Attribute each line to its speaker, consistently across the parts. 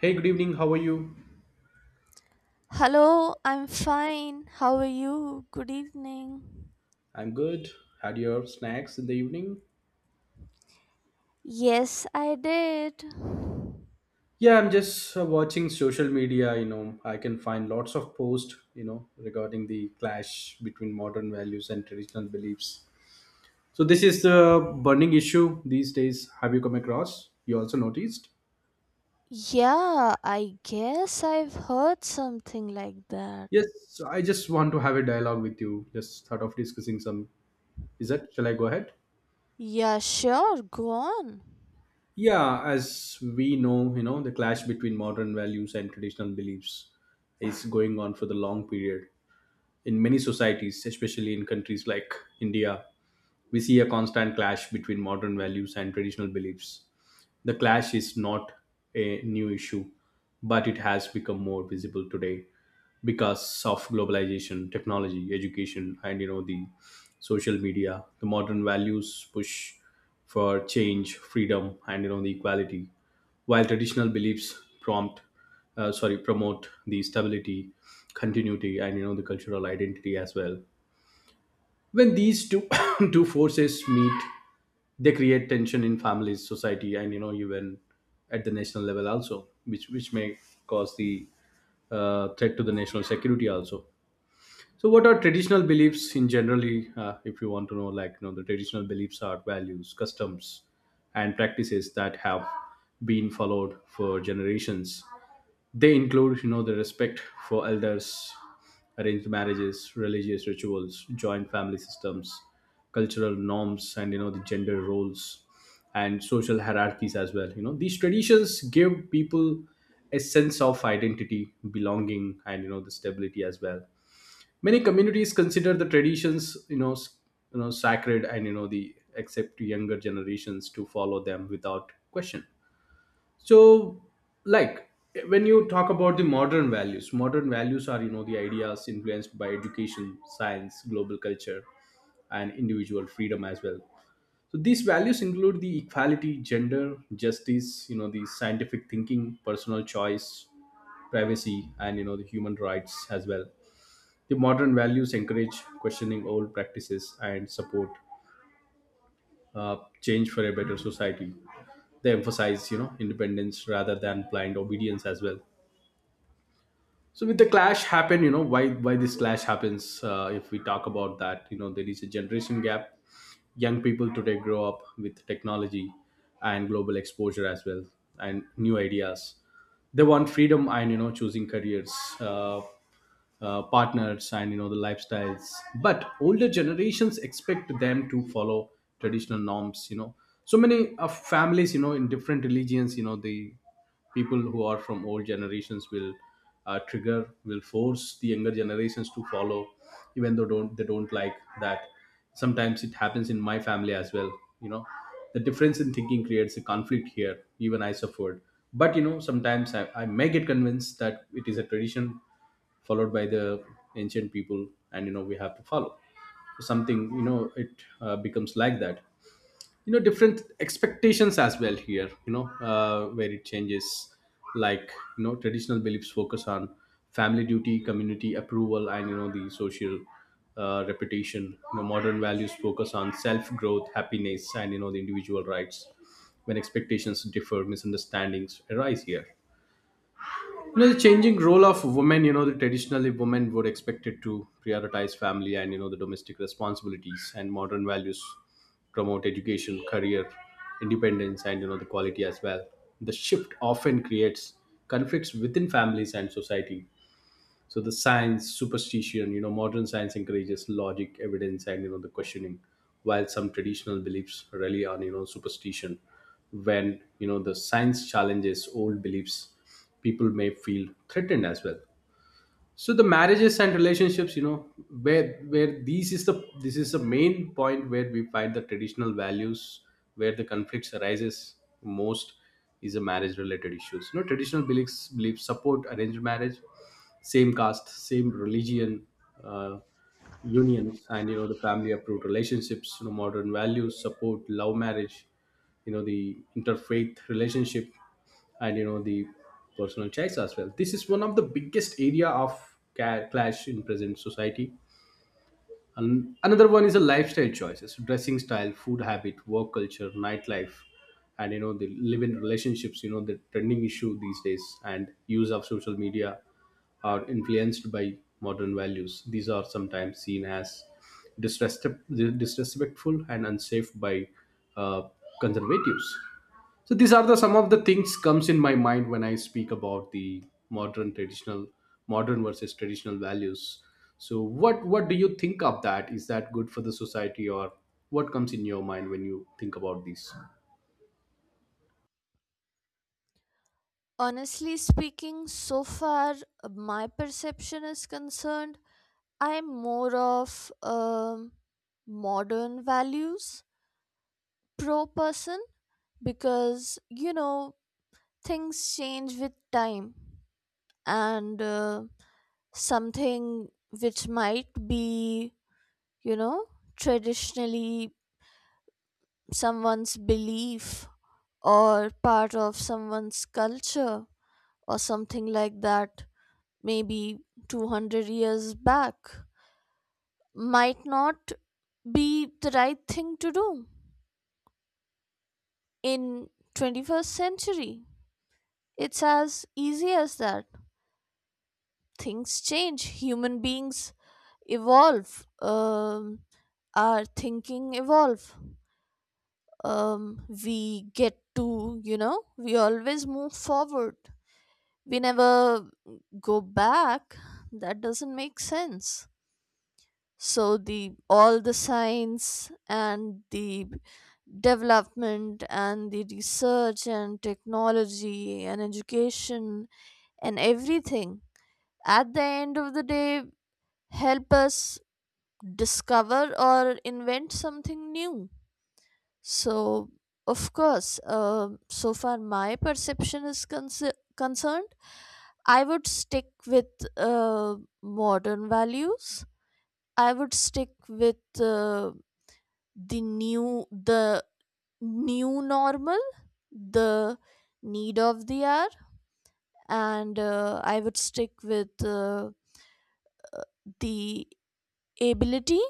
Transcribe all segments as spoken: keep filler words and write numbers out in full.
Speaker 1: Hey, good evening. How are you?
Speaker 2: Hello, I'm fine. How are you? Good evening.
Speaker 1: I'm good. Had your snacks in the evening?
Speaker 2: Yes, I did.
Speaker 1: Yeah, I'm just uh, watching social media. You know, I can find lots of posts, you know, regarding the clash between modern values and traditional beliefs. So, this is the burning issue these days. Have you come across? You also noticed?
Speaker 2: Yeah, I guess I've heard something like that.
Speaker 1: Yes, so I just want to have a dialogue with you. Just thought of discussing some. Is that? Shall I go ahead?
Speaker 2: Yeah, sure, go on.
Speaker 1: Yeah, as we know, you know, the clash between modern values and traditional beliefs is going on for the long period. In many societies, especially in countries like India, we see a constant clash between modern values and traditional beliefs. The clash is not a new issue, but it has become more visible today because of globalization, technology, education, and you know the social media. The modern values push for change, freedom, and you know the equality, while traditional beliefs prompt, uh, sorry, promote the stability, continuity, and you know the cultural identity as well when these two two forces meet, they create tension in families, society, and you know even at the national level also, which which may cause the uh, threat to the national security also. So, what are traditional beliefs in generally, uh, if you want to know, like, you know, the traditional beliefs are values, customs, and practices that have been followed for generations. They include, you know, the respect for elders, arranged marriages, religious rituals, joint family systems, cultural norms, and, you know, the gender roles and social hierarchies as well. You know, these traditions give people a sense of identity, belonging, and, you know, the stability as well. Many communities consider the traditions you know s- you know sacred, and you know the accept younger generations to follow them without question. So, like, when you talk about the modern values, modern values are, you know, the ideas influenced by education, science, global culture, and individual freedom as well. So these values include the equality, gender justice, you know, the scientific thinking, personal choice, privacy, and you know the human rights as well. The modern values encourage questioning old practices and support uh, change for a better society. They emphasize, you know, independence rather than blind obedience as well. So with the clash happen, you know, why why this clash happens? Uh, if we talk about that, you know, there is a generation gap. Young people today grow up with technology and global exposure as well, and new ideas. They want freedom and you know choosing careers. Uh, uh, partners and you know the lifestyles, but older generations expect them to follow traditional norms, you know. So many of families, you know, in different religions, you know, the people who are from old generations will uh, trigger will force the younger generations to follow even though don't they don't like that. Sometimes it happens in my family as well, you know. The difference in thinking creates a conflict here, even I suffered. But you know sometimes i, I may get convinced that it is a tradition followed by the ancient people, and you know we have to follow. So something, you know, it uh, becomes like that. You know, different expectations as well here, you know, uh, where it changes, like, you know, traditional beliefs focus on family duty, community approval, and you know the social uh, reputation. You know modern values focus on self growth, happiness, and you know the individual rights. When expectations differ, misunderstandings arise here. You know the changing role of women, you know, the traditionally women were expected to prioritize family and you know the domestic responsibilities, and modern values promote education, career, independence, and you know the quality as well. The shift often creates conflicts within families and society. So the science superstition, you know, modern science encourages logic, evidence, and you know the questioning, while some traditional beliefs rely on you know superstition. When you know the science challenges old beliefs, people may feel threatened as well. So the marriages and relationships, you know, where where these is the this is the main point where we find the traditional values, where the conflicts arises most, is a marriage related issues. You know, traditional beliefs beliefs support arranged marriage, same caste, same religion, uh, unions, and you know the family approved relationships. You know modern values support love marriage, you know the interfaith relationship, and you know the personal choice as well. This is one of the biggest area of ca- clash in present society. And another one is the lifestyle choices, dressing style, food habit, work culture, nightlife, and you know the live-in relationships, you know the trending issue these days, and use of social media are influenced by modern values. These are sometimes seen as disrespect- disrespectful and unsafe by uh, conservatives. So these are the some of the things comes in my mind when I speak about the modern traditional modern versus traditional values. So what what do you think of that? Is that good for the society, or what comes in your mind when you think about these?
Speaker 2: Honestly speaking, so far my perception is concerned, I'm more of um modern values pro person, because you know, things change with time, and uh, something which might be, you know, traditionally someone's belief or part of someone's culture or something like that, maybe two hundred years back, might not be the right thing to do in twenty-first century. It's as easy as that. Things change, human beings evolve, um, our thinking evolve um, we get to, you know, We always move forward. We never go back. That doesn't make sense. So, the all the science and the development and the research and technology and education and everything at the end of the day help us discover or invent something new. So, of course, uh, so far my perception is conce- concerned, I would stick with uh, modern values. I would stick with uh, the new, the new normal, the need of the hour, and uh, I would stick with uh, the ability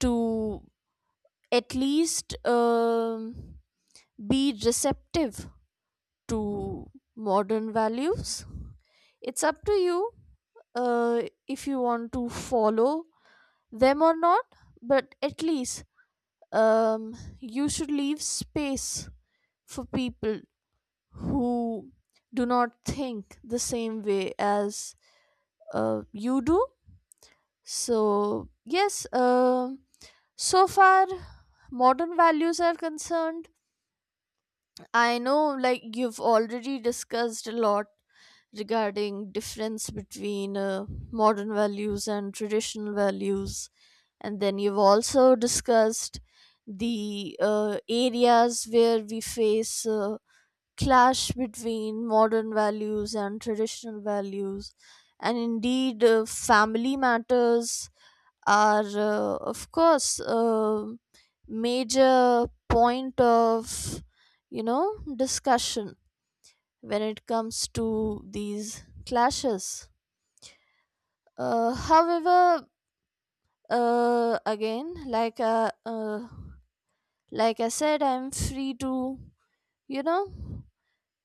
Speaker 2: to at least um be receptive to modern values. It's up to you uh, if you want to follow them or not, but at least um, you should leave space for people who do not think the same way as uh, you do. So, yes, um so far modern values are concerned, I know, like, you've already discussed a lot regarding difference between uh, modern values and traditional values. And then you've also discussed the uh, areas where we face uh, clash between modern values and traditional values. And indeed, uh, family matters are uh, of course a major point of, you know, discussion when it comes to these clashes. Uh, however uh, again like uh, uh, like I said, I'm free to, you know,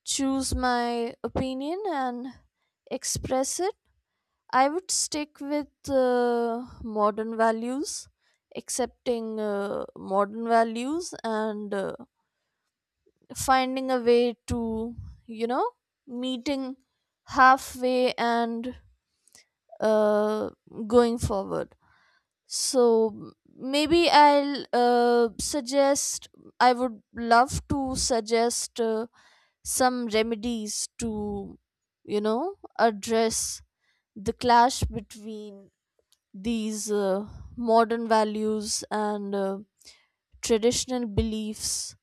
Speaker 2: choose my opinion and express it. I would stick with uh, modern values, accepting uh, modern values, and uh, finding a way to, you know, meeting halfway and uh, going forward. So maybe I'll uh, suggest, I would love to suggest uh, some remedies to, you know, address the clash between these uh, modern values and uh, traditional beliefs,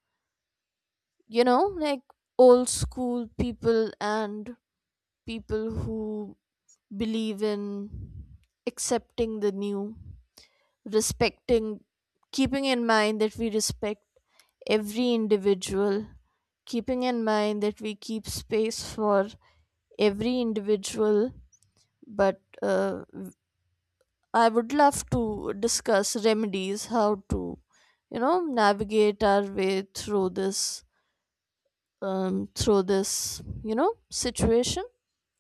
Speaker 2: you know, like old school people and people who believe in accepting the new, respecting, keeping in mind that we respect every individual, keeping in mind that we keep space for every individual. But uh, I would love to discuss remedies, how to, you know, navigate our way through this, um, through this, you know, situation.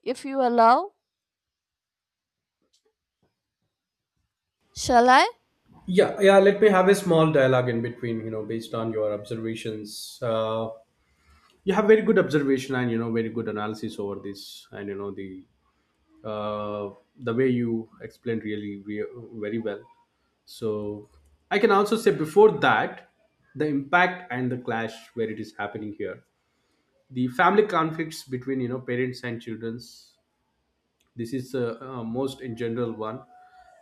Speaker 2: If you allow, shall I?
Speaker 1: Yeah, yeah. Let me have a small dialogue in between. You know, based on your observations. Uh, You have very good observation and you know very good analysis over this, and you know the uh, the way you explained really re- very well. So I can also say before that, the impact and the clash where it is happening here, the family conflicts between you know parents and childrens. This is the uh, most in general one,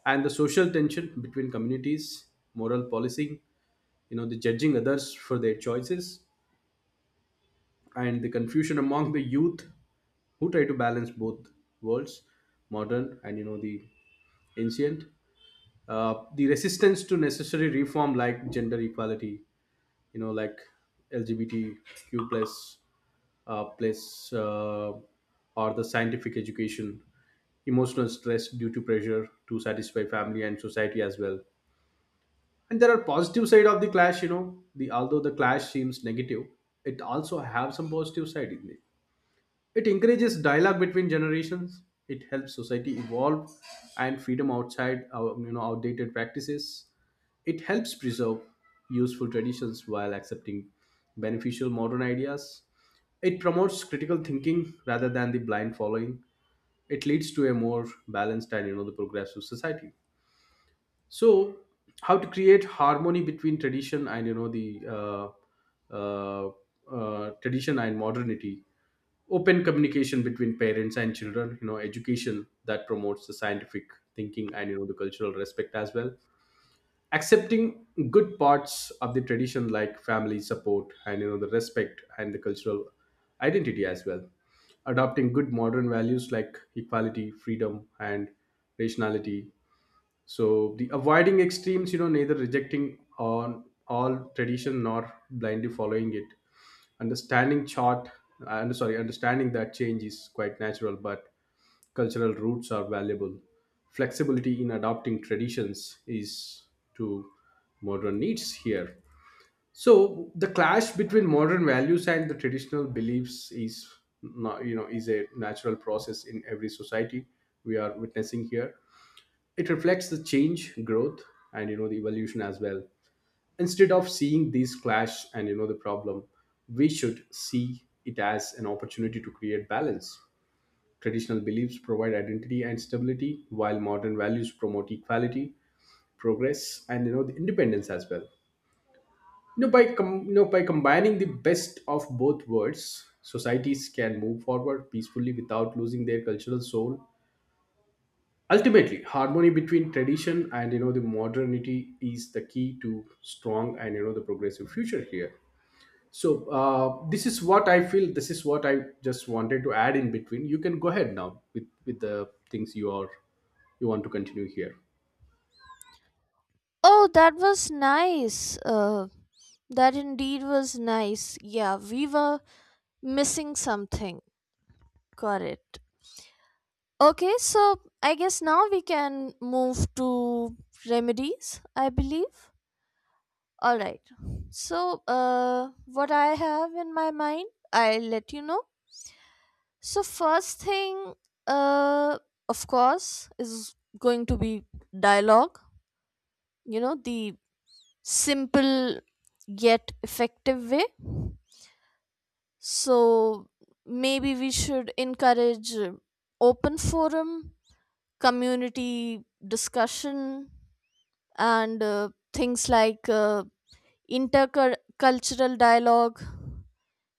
Speaker 1: and the social tension between communities, moral policing, you know the judging others for their choices, and the confusion among the youth who try to balance both worlds, modern and you know the ancient. uh, the resistance to necessary reform like gender equality, you know, like LGBTQ plus, uh, plus uh, or the scientific education, emotional stress due to pressure to satisfy family and society as well. And there are positive side of the clash. You know the although the clash seems negative, it also have some positive side in it. It encourages dialogue between generations. It helps society evolve and freedom outside our you know outdated practices. It helps preserve useful traditions while accepting beneficial modern ideas. It promotes critical thinking rather than the blind following. It leads to a more balanced and you know the progressive society. So how to create harmony between tradition and you know the uh, uh, uh, tradition and modernity, open communication between parents and children, you know education that promotes the scientific thinking and you know the cultural respect as well, accepting good parts of the tradition like family support and you know the respect and the cultural identity as well, adopting good modern values like equality, freedom, and rationality. So the avoiding extremes, you know, neither rejecting on all tradition nor blindly following it, understanding chart and sorry understanding that change is quite natural, but cultural roots are valuable, flexibility in adopting traditions is to modern needs here. So the clash between modern values and the traditional beliefs is not, you know is a natural process in every society we are witnessing here. It reflects the change, growth, and you know the evolution as well. Instead of seeing these clash and you know the problem, we should see it as an opportunity to create balance. Traditional beliefs provide identity and stability, while modern values promote equality, progress, and you know the independence as well. you know by com- you know by combining the best of both worlds, societies can move forward peacefully without losing their cultural soul. Ultimately, harmony between tradition and you know the modernity is the key to strong and you know the progressive future here. So uh, this is what I feel, this is what I just wanted to add in between. You can go ahead now with with the things you are you want to continue here.
Speaker 2: Oh, that was nice. Uh, that indeed was nice. Yeah, we were missing something. Correct. Okay, so I guess now we can move to remedies, I believe. All right. So, uh, what I have in my mind, I'll let you know. So, first thing, uh, of course, is going to be dialogue, you know, the simple yet effective way. So, maybe we should encourage uh, open forum, community discussion, and uh, things like uh, intercultural dialogue,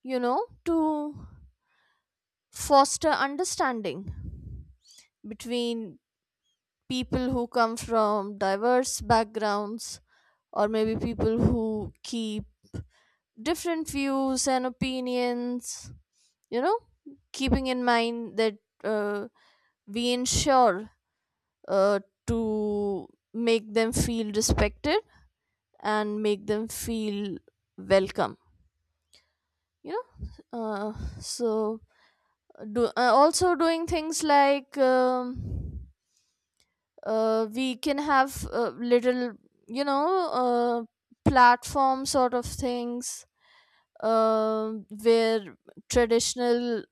Speaker 2: you know, to foster understanding between people who come from diverse backgrounds, or maybe people who keep different views and opinions, you know, keeping in mind that uh, we ensure uh, to make them feel respected and make them feel welcome, you know. Uh, so do, uh, also doing things like, um, uh, we can have uh, little, you know uh, platform sort of things, um where traditional,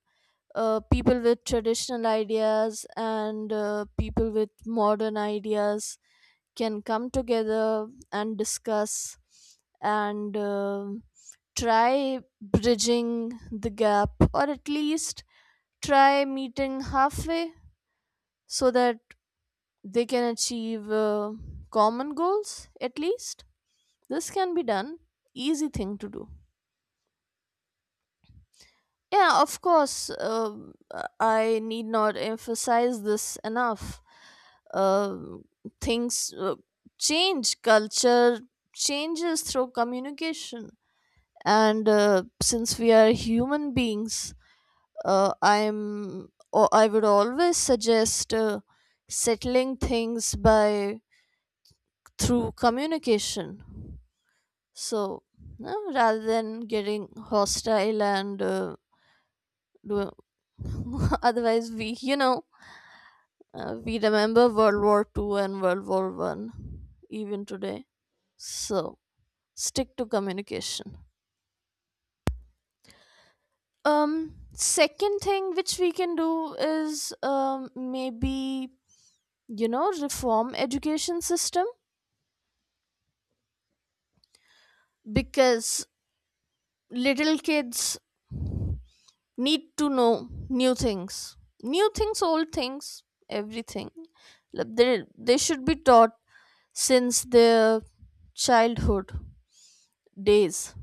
Speaker 2: uh, people with traditional ideas and uh, people with modern ideas can come together and discuss and um try bridging the gap, or at least try meeting halfway so that they can achieve uh, common goals, at least. This can be done, easy thing to do. Yeah, of course, uh, I need not emphasize this enough. uh, Things, uh, change. Culture changes through communication, and uh, since we are human beings, uh, i'm or i would always suggest uh, settling things by through communication. So, no, rather than getting hostile and uh, do, otherwise, we you know uh, we remember World War Two and World War One even today. So stick to communication. Um, second thing which we can do is, um maybe, you know, reform education system, because little kids need to know new things, new things, old things, everything. Like, they, they should be taught since their childhood days,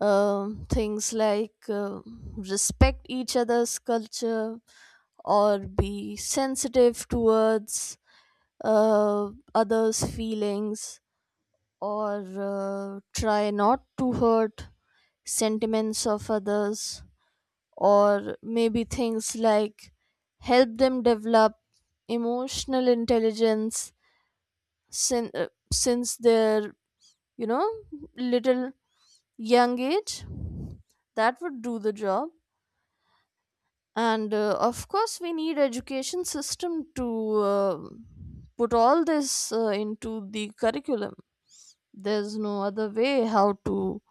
Speaker 2: um, things like uh, respect each other's culture, or be sensitive towards uh, others' feelings, or uh, try not to hurt sentiments of others, or maybe things like help them develop emotional intelligence sin- uh, since their, you know, little young age. That would do the job. And uh, of course we need education system to uh, put all this uh, into the curriculum. There's no other way how to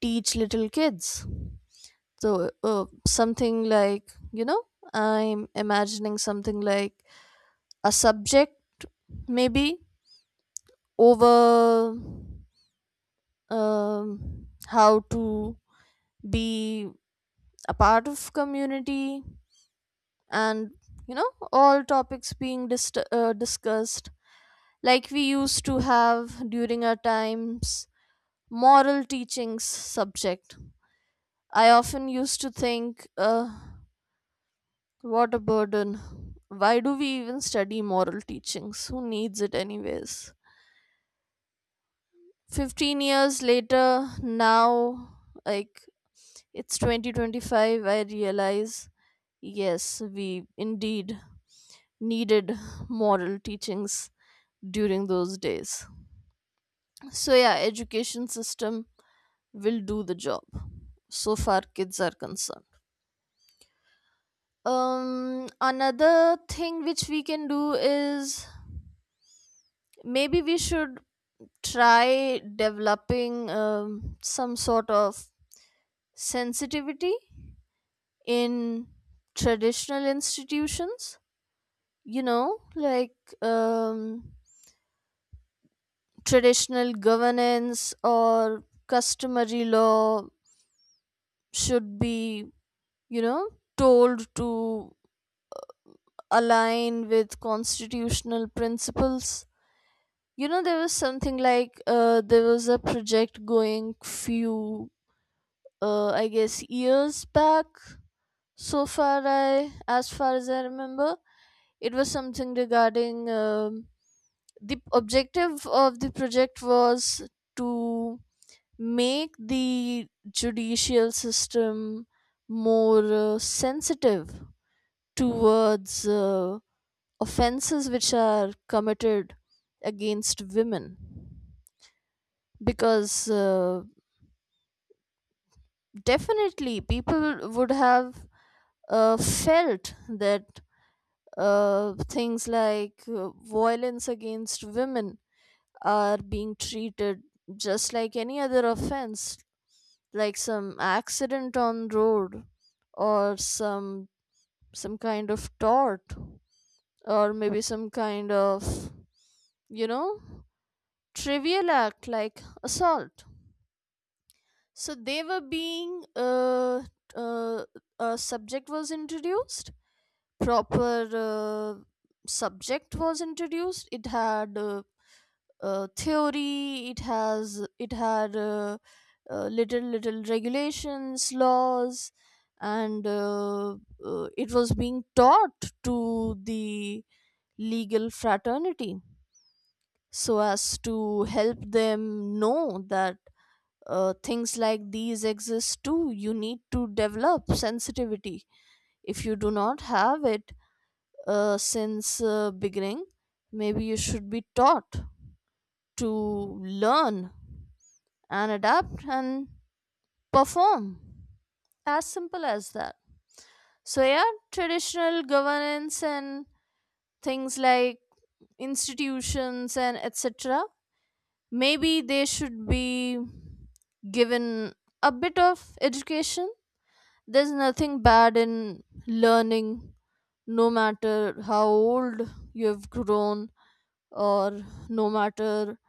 Speaker 2: teach little kids. So uh, something like, you know, I'm imagining something like a subject, maybe, over um, how to be a part of community, and, you know, all topics being dist- uh, discussed, like we used to have during our times — moral teachings subject. I often used to think, uh, what a burden, why do we even study moral teachings, who needs it anyways. fifteen years later, now, like, it's twenty twenty-five, I realize, yes, we indeed needed moral teachings during those days. So yeah, education system will do the job so far kids are concerned. Um another thing which we can do is, maybe we should try developing um, some sort of sensitivity in traditional institutions, you know like um traditional governance or customary law should be, you know told to align with constitutional principles. You know, there was something like uh, there was a project going few, uh, I guess, years back. So far I As far as I remember, it was something regarding, um the objective of the project was to make the judicial system more uh, sensitive towards uh, offenses which are committed against women, because uh, definitely people would have uh, felt that uh, things like uh, violence against women are being treated just like any other offense, like some accident on road, or some some kind of tort, or maybe some kind of, you know trivial act like assault. So they were being uh, uh, a subject was introduced, proper uh, subject was introduced. It had uh, uh, theory, it has it had uh, uh, little little regulations, laws. And uh, uh, it was being taught to the legal fraternity, so as to help them know that uh, things like these exist too. You need to develop sensitivity if you do not have it uh, since uh, beginning. Maybe you should be taught to learn and adapt and perform. As simple as that. So, yeah, traditional governance and things like institutions and et cetera. Maybe they should be given a bit of education. There's nothing bad in learning, no matter how old you've grown, or no matter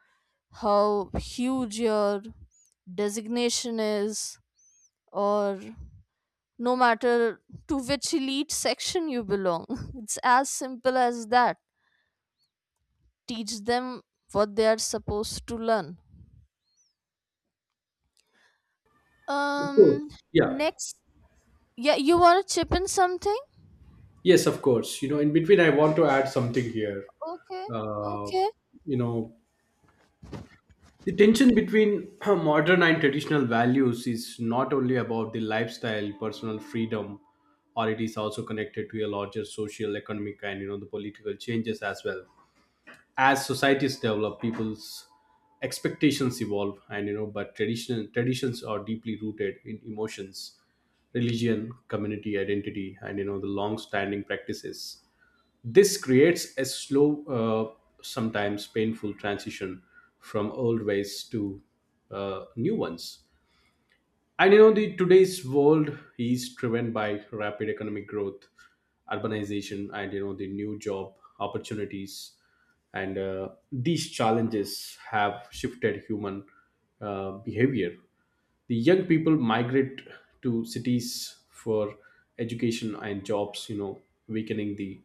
Speaker 2: how huge your designation is, or no matter to which elite section you belong. It's as simple as that. Teach them what they are supposed to learn.
Speaker 1: Of course.
Speaker 2: Um,
Speaker 1: Yeah.
Speaker 2: Next, yeah, you want to chip in something?
Speaker 1: Yes, of course, you know, in between I want to add something here.
Speaker 2: Okay,
Speaker 1: uh,
Speaker 2: okay.
Speaker 1: you know, the tension between modern and traditional values is not only about the lifestyle, personal freedom, or it is also connected to a larger social, economic, and you know the political changes as well. As societies develop, people's expectations evolve, and you know, but traditional traditions are deeply rooted in emotions, religion, community identity, and you know the long-standing practices. This creates a slow, uh, sometimes painful transition from old ways to uh, new ones. And you know, the today's world is driven by rapid economic growth, urbanization, and you know the new job opportunities. And uh, these challenges have shifted human uh, behavior. The young people migrate to cities for education and jobs, you know, weakening the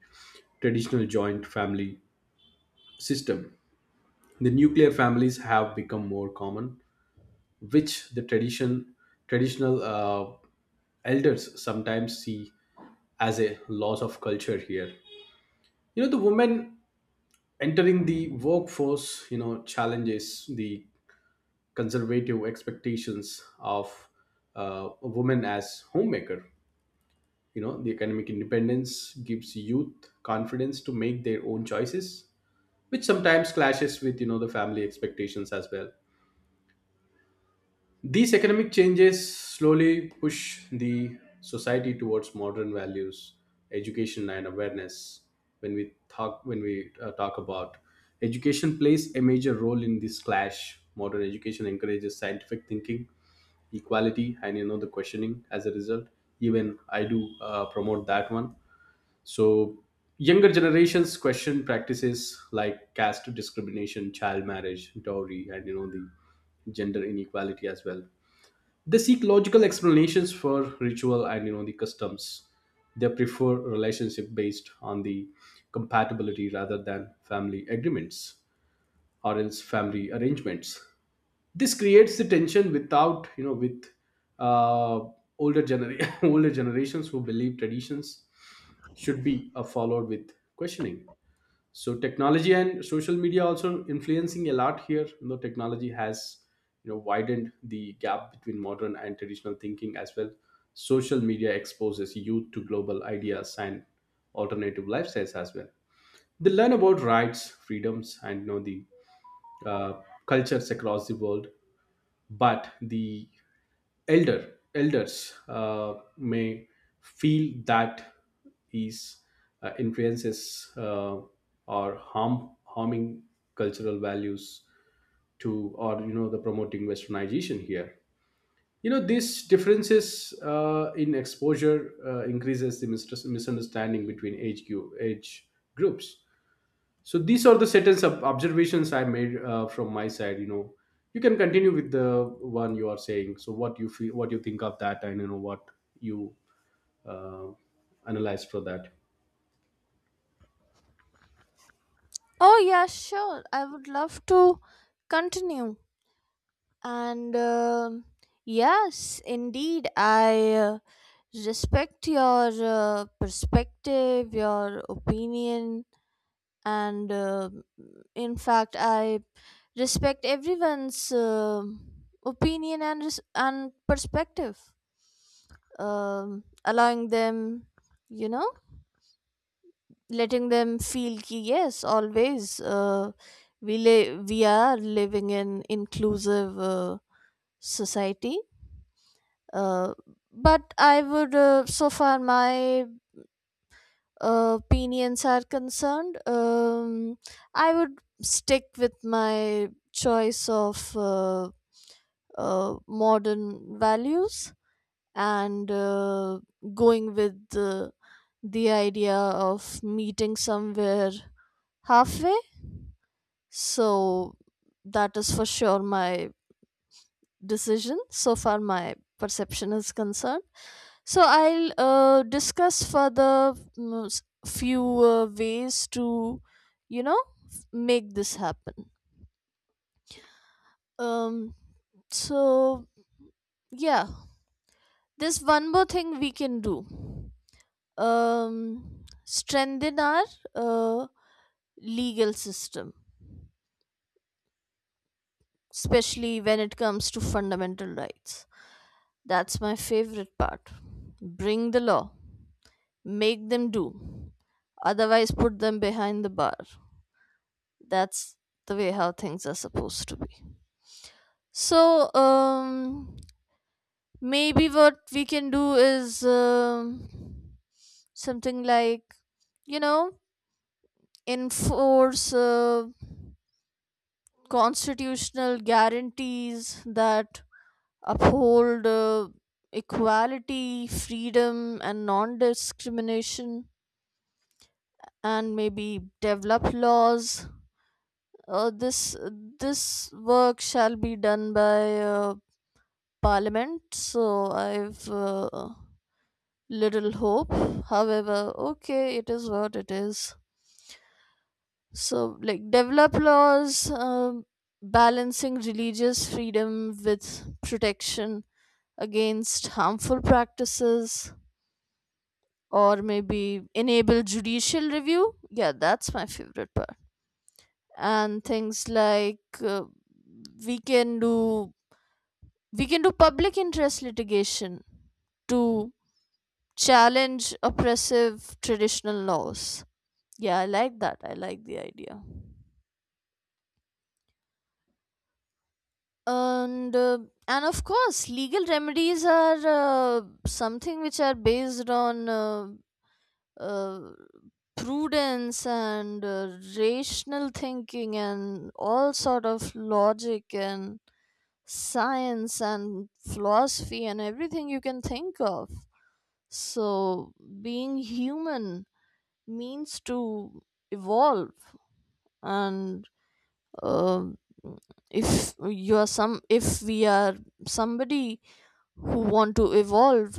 Speaker 1: traditional joint family system. The nuclear families have become more common, which the tradition traditional uh, elders sometimes see as a loss of culture here. You know the women entering the workforce, you know, challenges the conservative expectations of uh, a woman as homemaker. You know, the economic independence gives youth confidence to make their own choices, which sometimes clashes with, you know, the family expectations as well. These economic changes slowly push the society towards modern values, education, and awareness. When we talk, when we uh, talk about education, plays a major role in this clash. Modern education encourages scientific thinking, equality, and you know the questioning. As a result, even I do uh, promote that one. So younger generations question practices like caste discrimination, child marriage, dowry, and you know the gender inequality as well. They seek logical explanations for ritual and you know the customs. They prefer relationship based on the compatibility rather than family agreements, or else family arrangements. This creates the tension without you know with uh, older gener- older generations who believe traditions should be uh, followed with questioning. So technology and social media also influencing a lot here. You know technology has, you know, widened the gap between modern and traditional thinking as well. Social media exposes youth to global ideas and alternative lifestyles as well. They learn about rights, freedoms, and you know the uh, cultures across the world. But the elder elders uh, may feel that is uh, influences uh, or harm harming cultural values to, or you know the promoting westernization here. You know these differences uh, in exposure uh, increases the mistus- misunderstanding between age, gu- age groups. So these are the certain ob- observations I made uh, from my side, you know. You can continue with the one you are saying. So what you feel, what you think of that, and you know what you uh, analyze for that.
Speaker 2: Oh, yeah, sure. I would love to continue. And um yes, indeed, I uh, respect your uh, perspective, your opinion, and uh, in fact, I respect everyone's um opinion and res- and perspective, um, allowing them, you know letting them feel, ki yes, always. uh, we li- we are living in inclusive uh, society. uh, but I would, uh, so far my uh, opinions are concerned, um, I would stick with my choice of uh, uh, modern values, and uh, going with the, the idea of meeting somewhere halfway. So that is for sure my decision so far my perception is concerned. So I'll uh, discuss further, mm, s- few uh, ways to, you know f- make this happen. Um so yeah, there's one more thing we can do. Um, strengthen our uh, legal system, especially when it comes to fundamental rights. That's my favorite part. Bring the law, make them do, otherwise, put them behind the bar. That's the way how things are supposed to be. So, um, maybe what we can do is, um, something like, you know, enforce. Uh, constitutional guarantees that uphold uh, equality, freedom, and non discrimination, and maybe develop laws. Uh, this this work shall be done by, uh, Parliament, so I've uh, little hope. However, okay, it is what it is. So, like, develop laws, um balancing religious freedom with protection against harmful practices, or maybe enable judicial review. Yeah, that's my favorite part. And things like, uh, we can do we can do public interest litigation to challenge oppressive traditional laws. Yeah, I like that. I like the idea. And uh, and of course, legal remedies are uh, something which are based on uh, uh, prudence and uh, rational thinking and all sort of logic and science and philosophy and everything you can think of. So being human means to evolve, and um if you are some if we are somebody who want to evolve,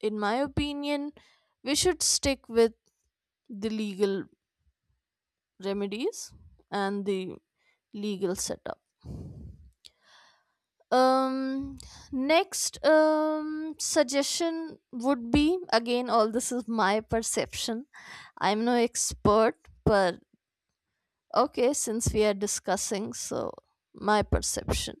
Speaker 2: in my opinion, we should stick with the legal remedies and the legal setup. um Next, um suggestion would be — again, all this is my perception, I'm no expert, but okay, since we are discussing, so my perception —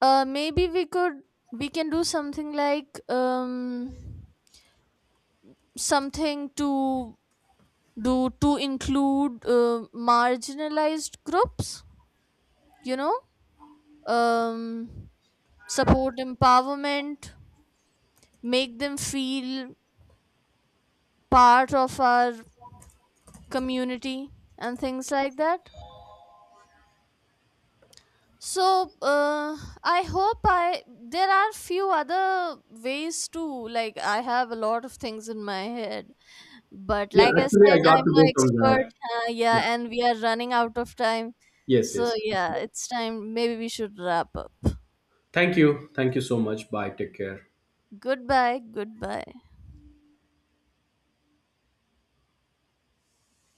Speaker 2: uh maybe we could we can do something like, um something to do to include uh, marginalized groups, you know um, support empowerment, make them feel part of our community and things like that. So uh, I hope I there are few other ways too. Like I have a lot of things in my head, but
Speaker 1: Yeah,
Speaker 2: like I
Speaker 1: actually I
Speaker 2: said,
Speaker 1: got
Speaker 2: I'm
Speaker 1: to
Speaker 2: no
Speaker 1: go
Speaker 2: expert.
Speaker 1: somewhere.
Speaker 2: Uh,
Speaker 1: Yeah.
Speaker 2: yeah, and we are running out of time.
Speaker 1: Yes,
Speaker 2: So
Speaker 1: yes.
Speaker 2: yeah, it's time. Maybe we should wrap up.
Speaker 1: Thank you, thank you so much. Bye. Take care.
Speaker 2: Goodbye. Goodbye.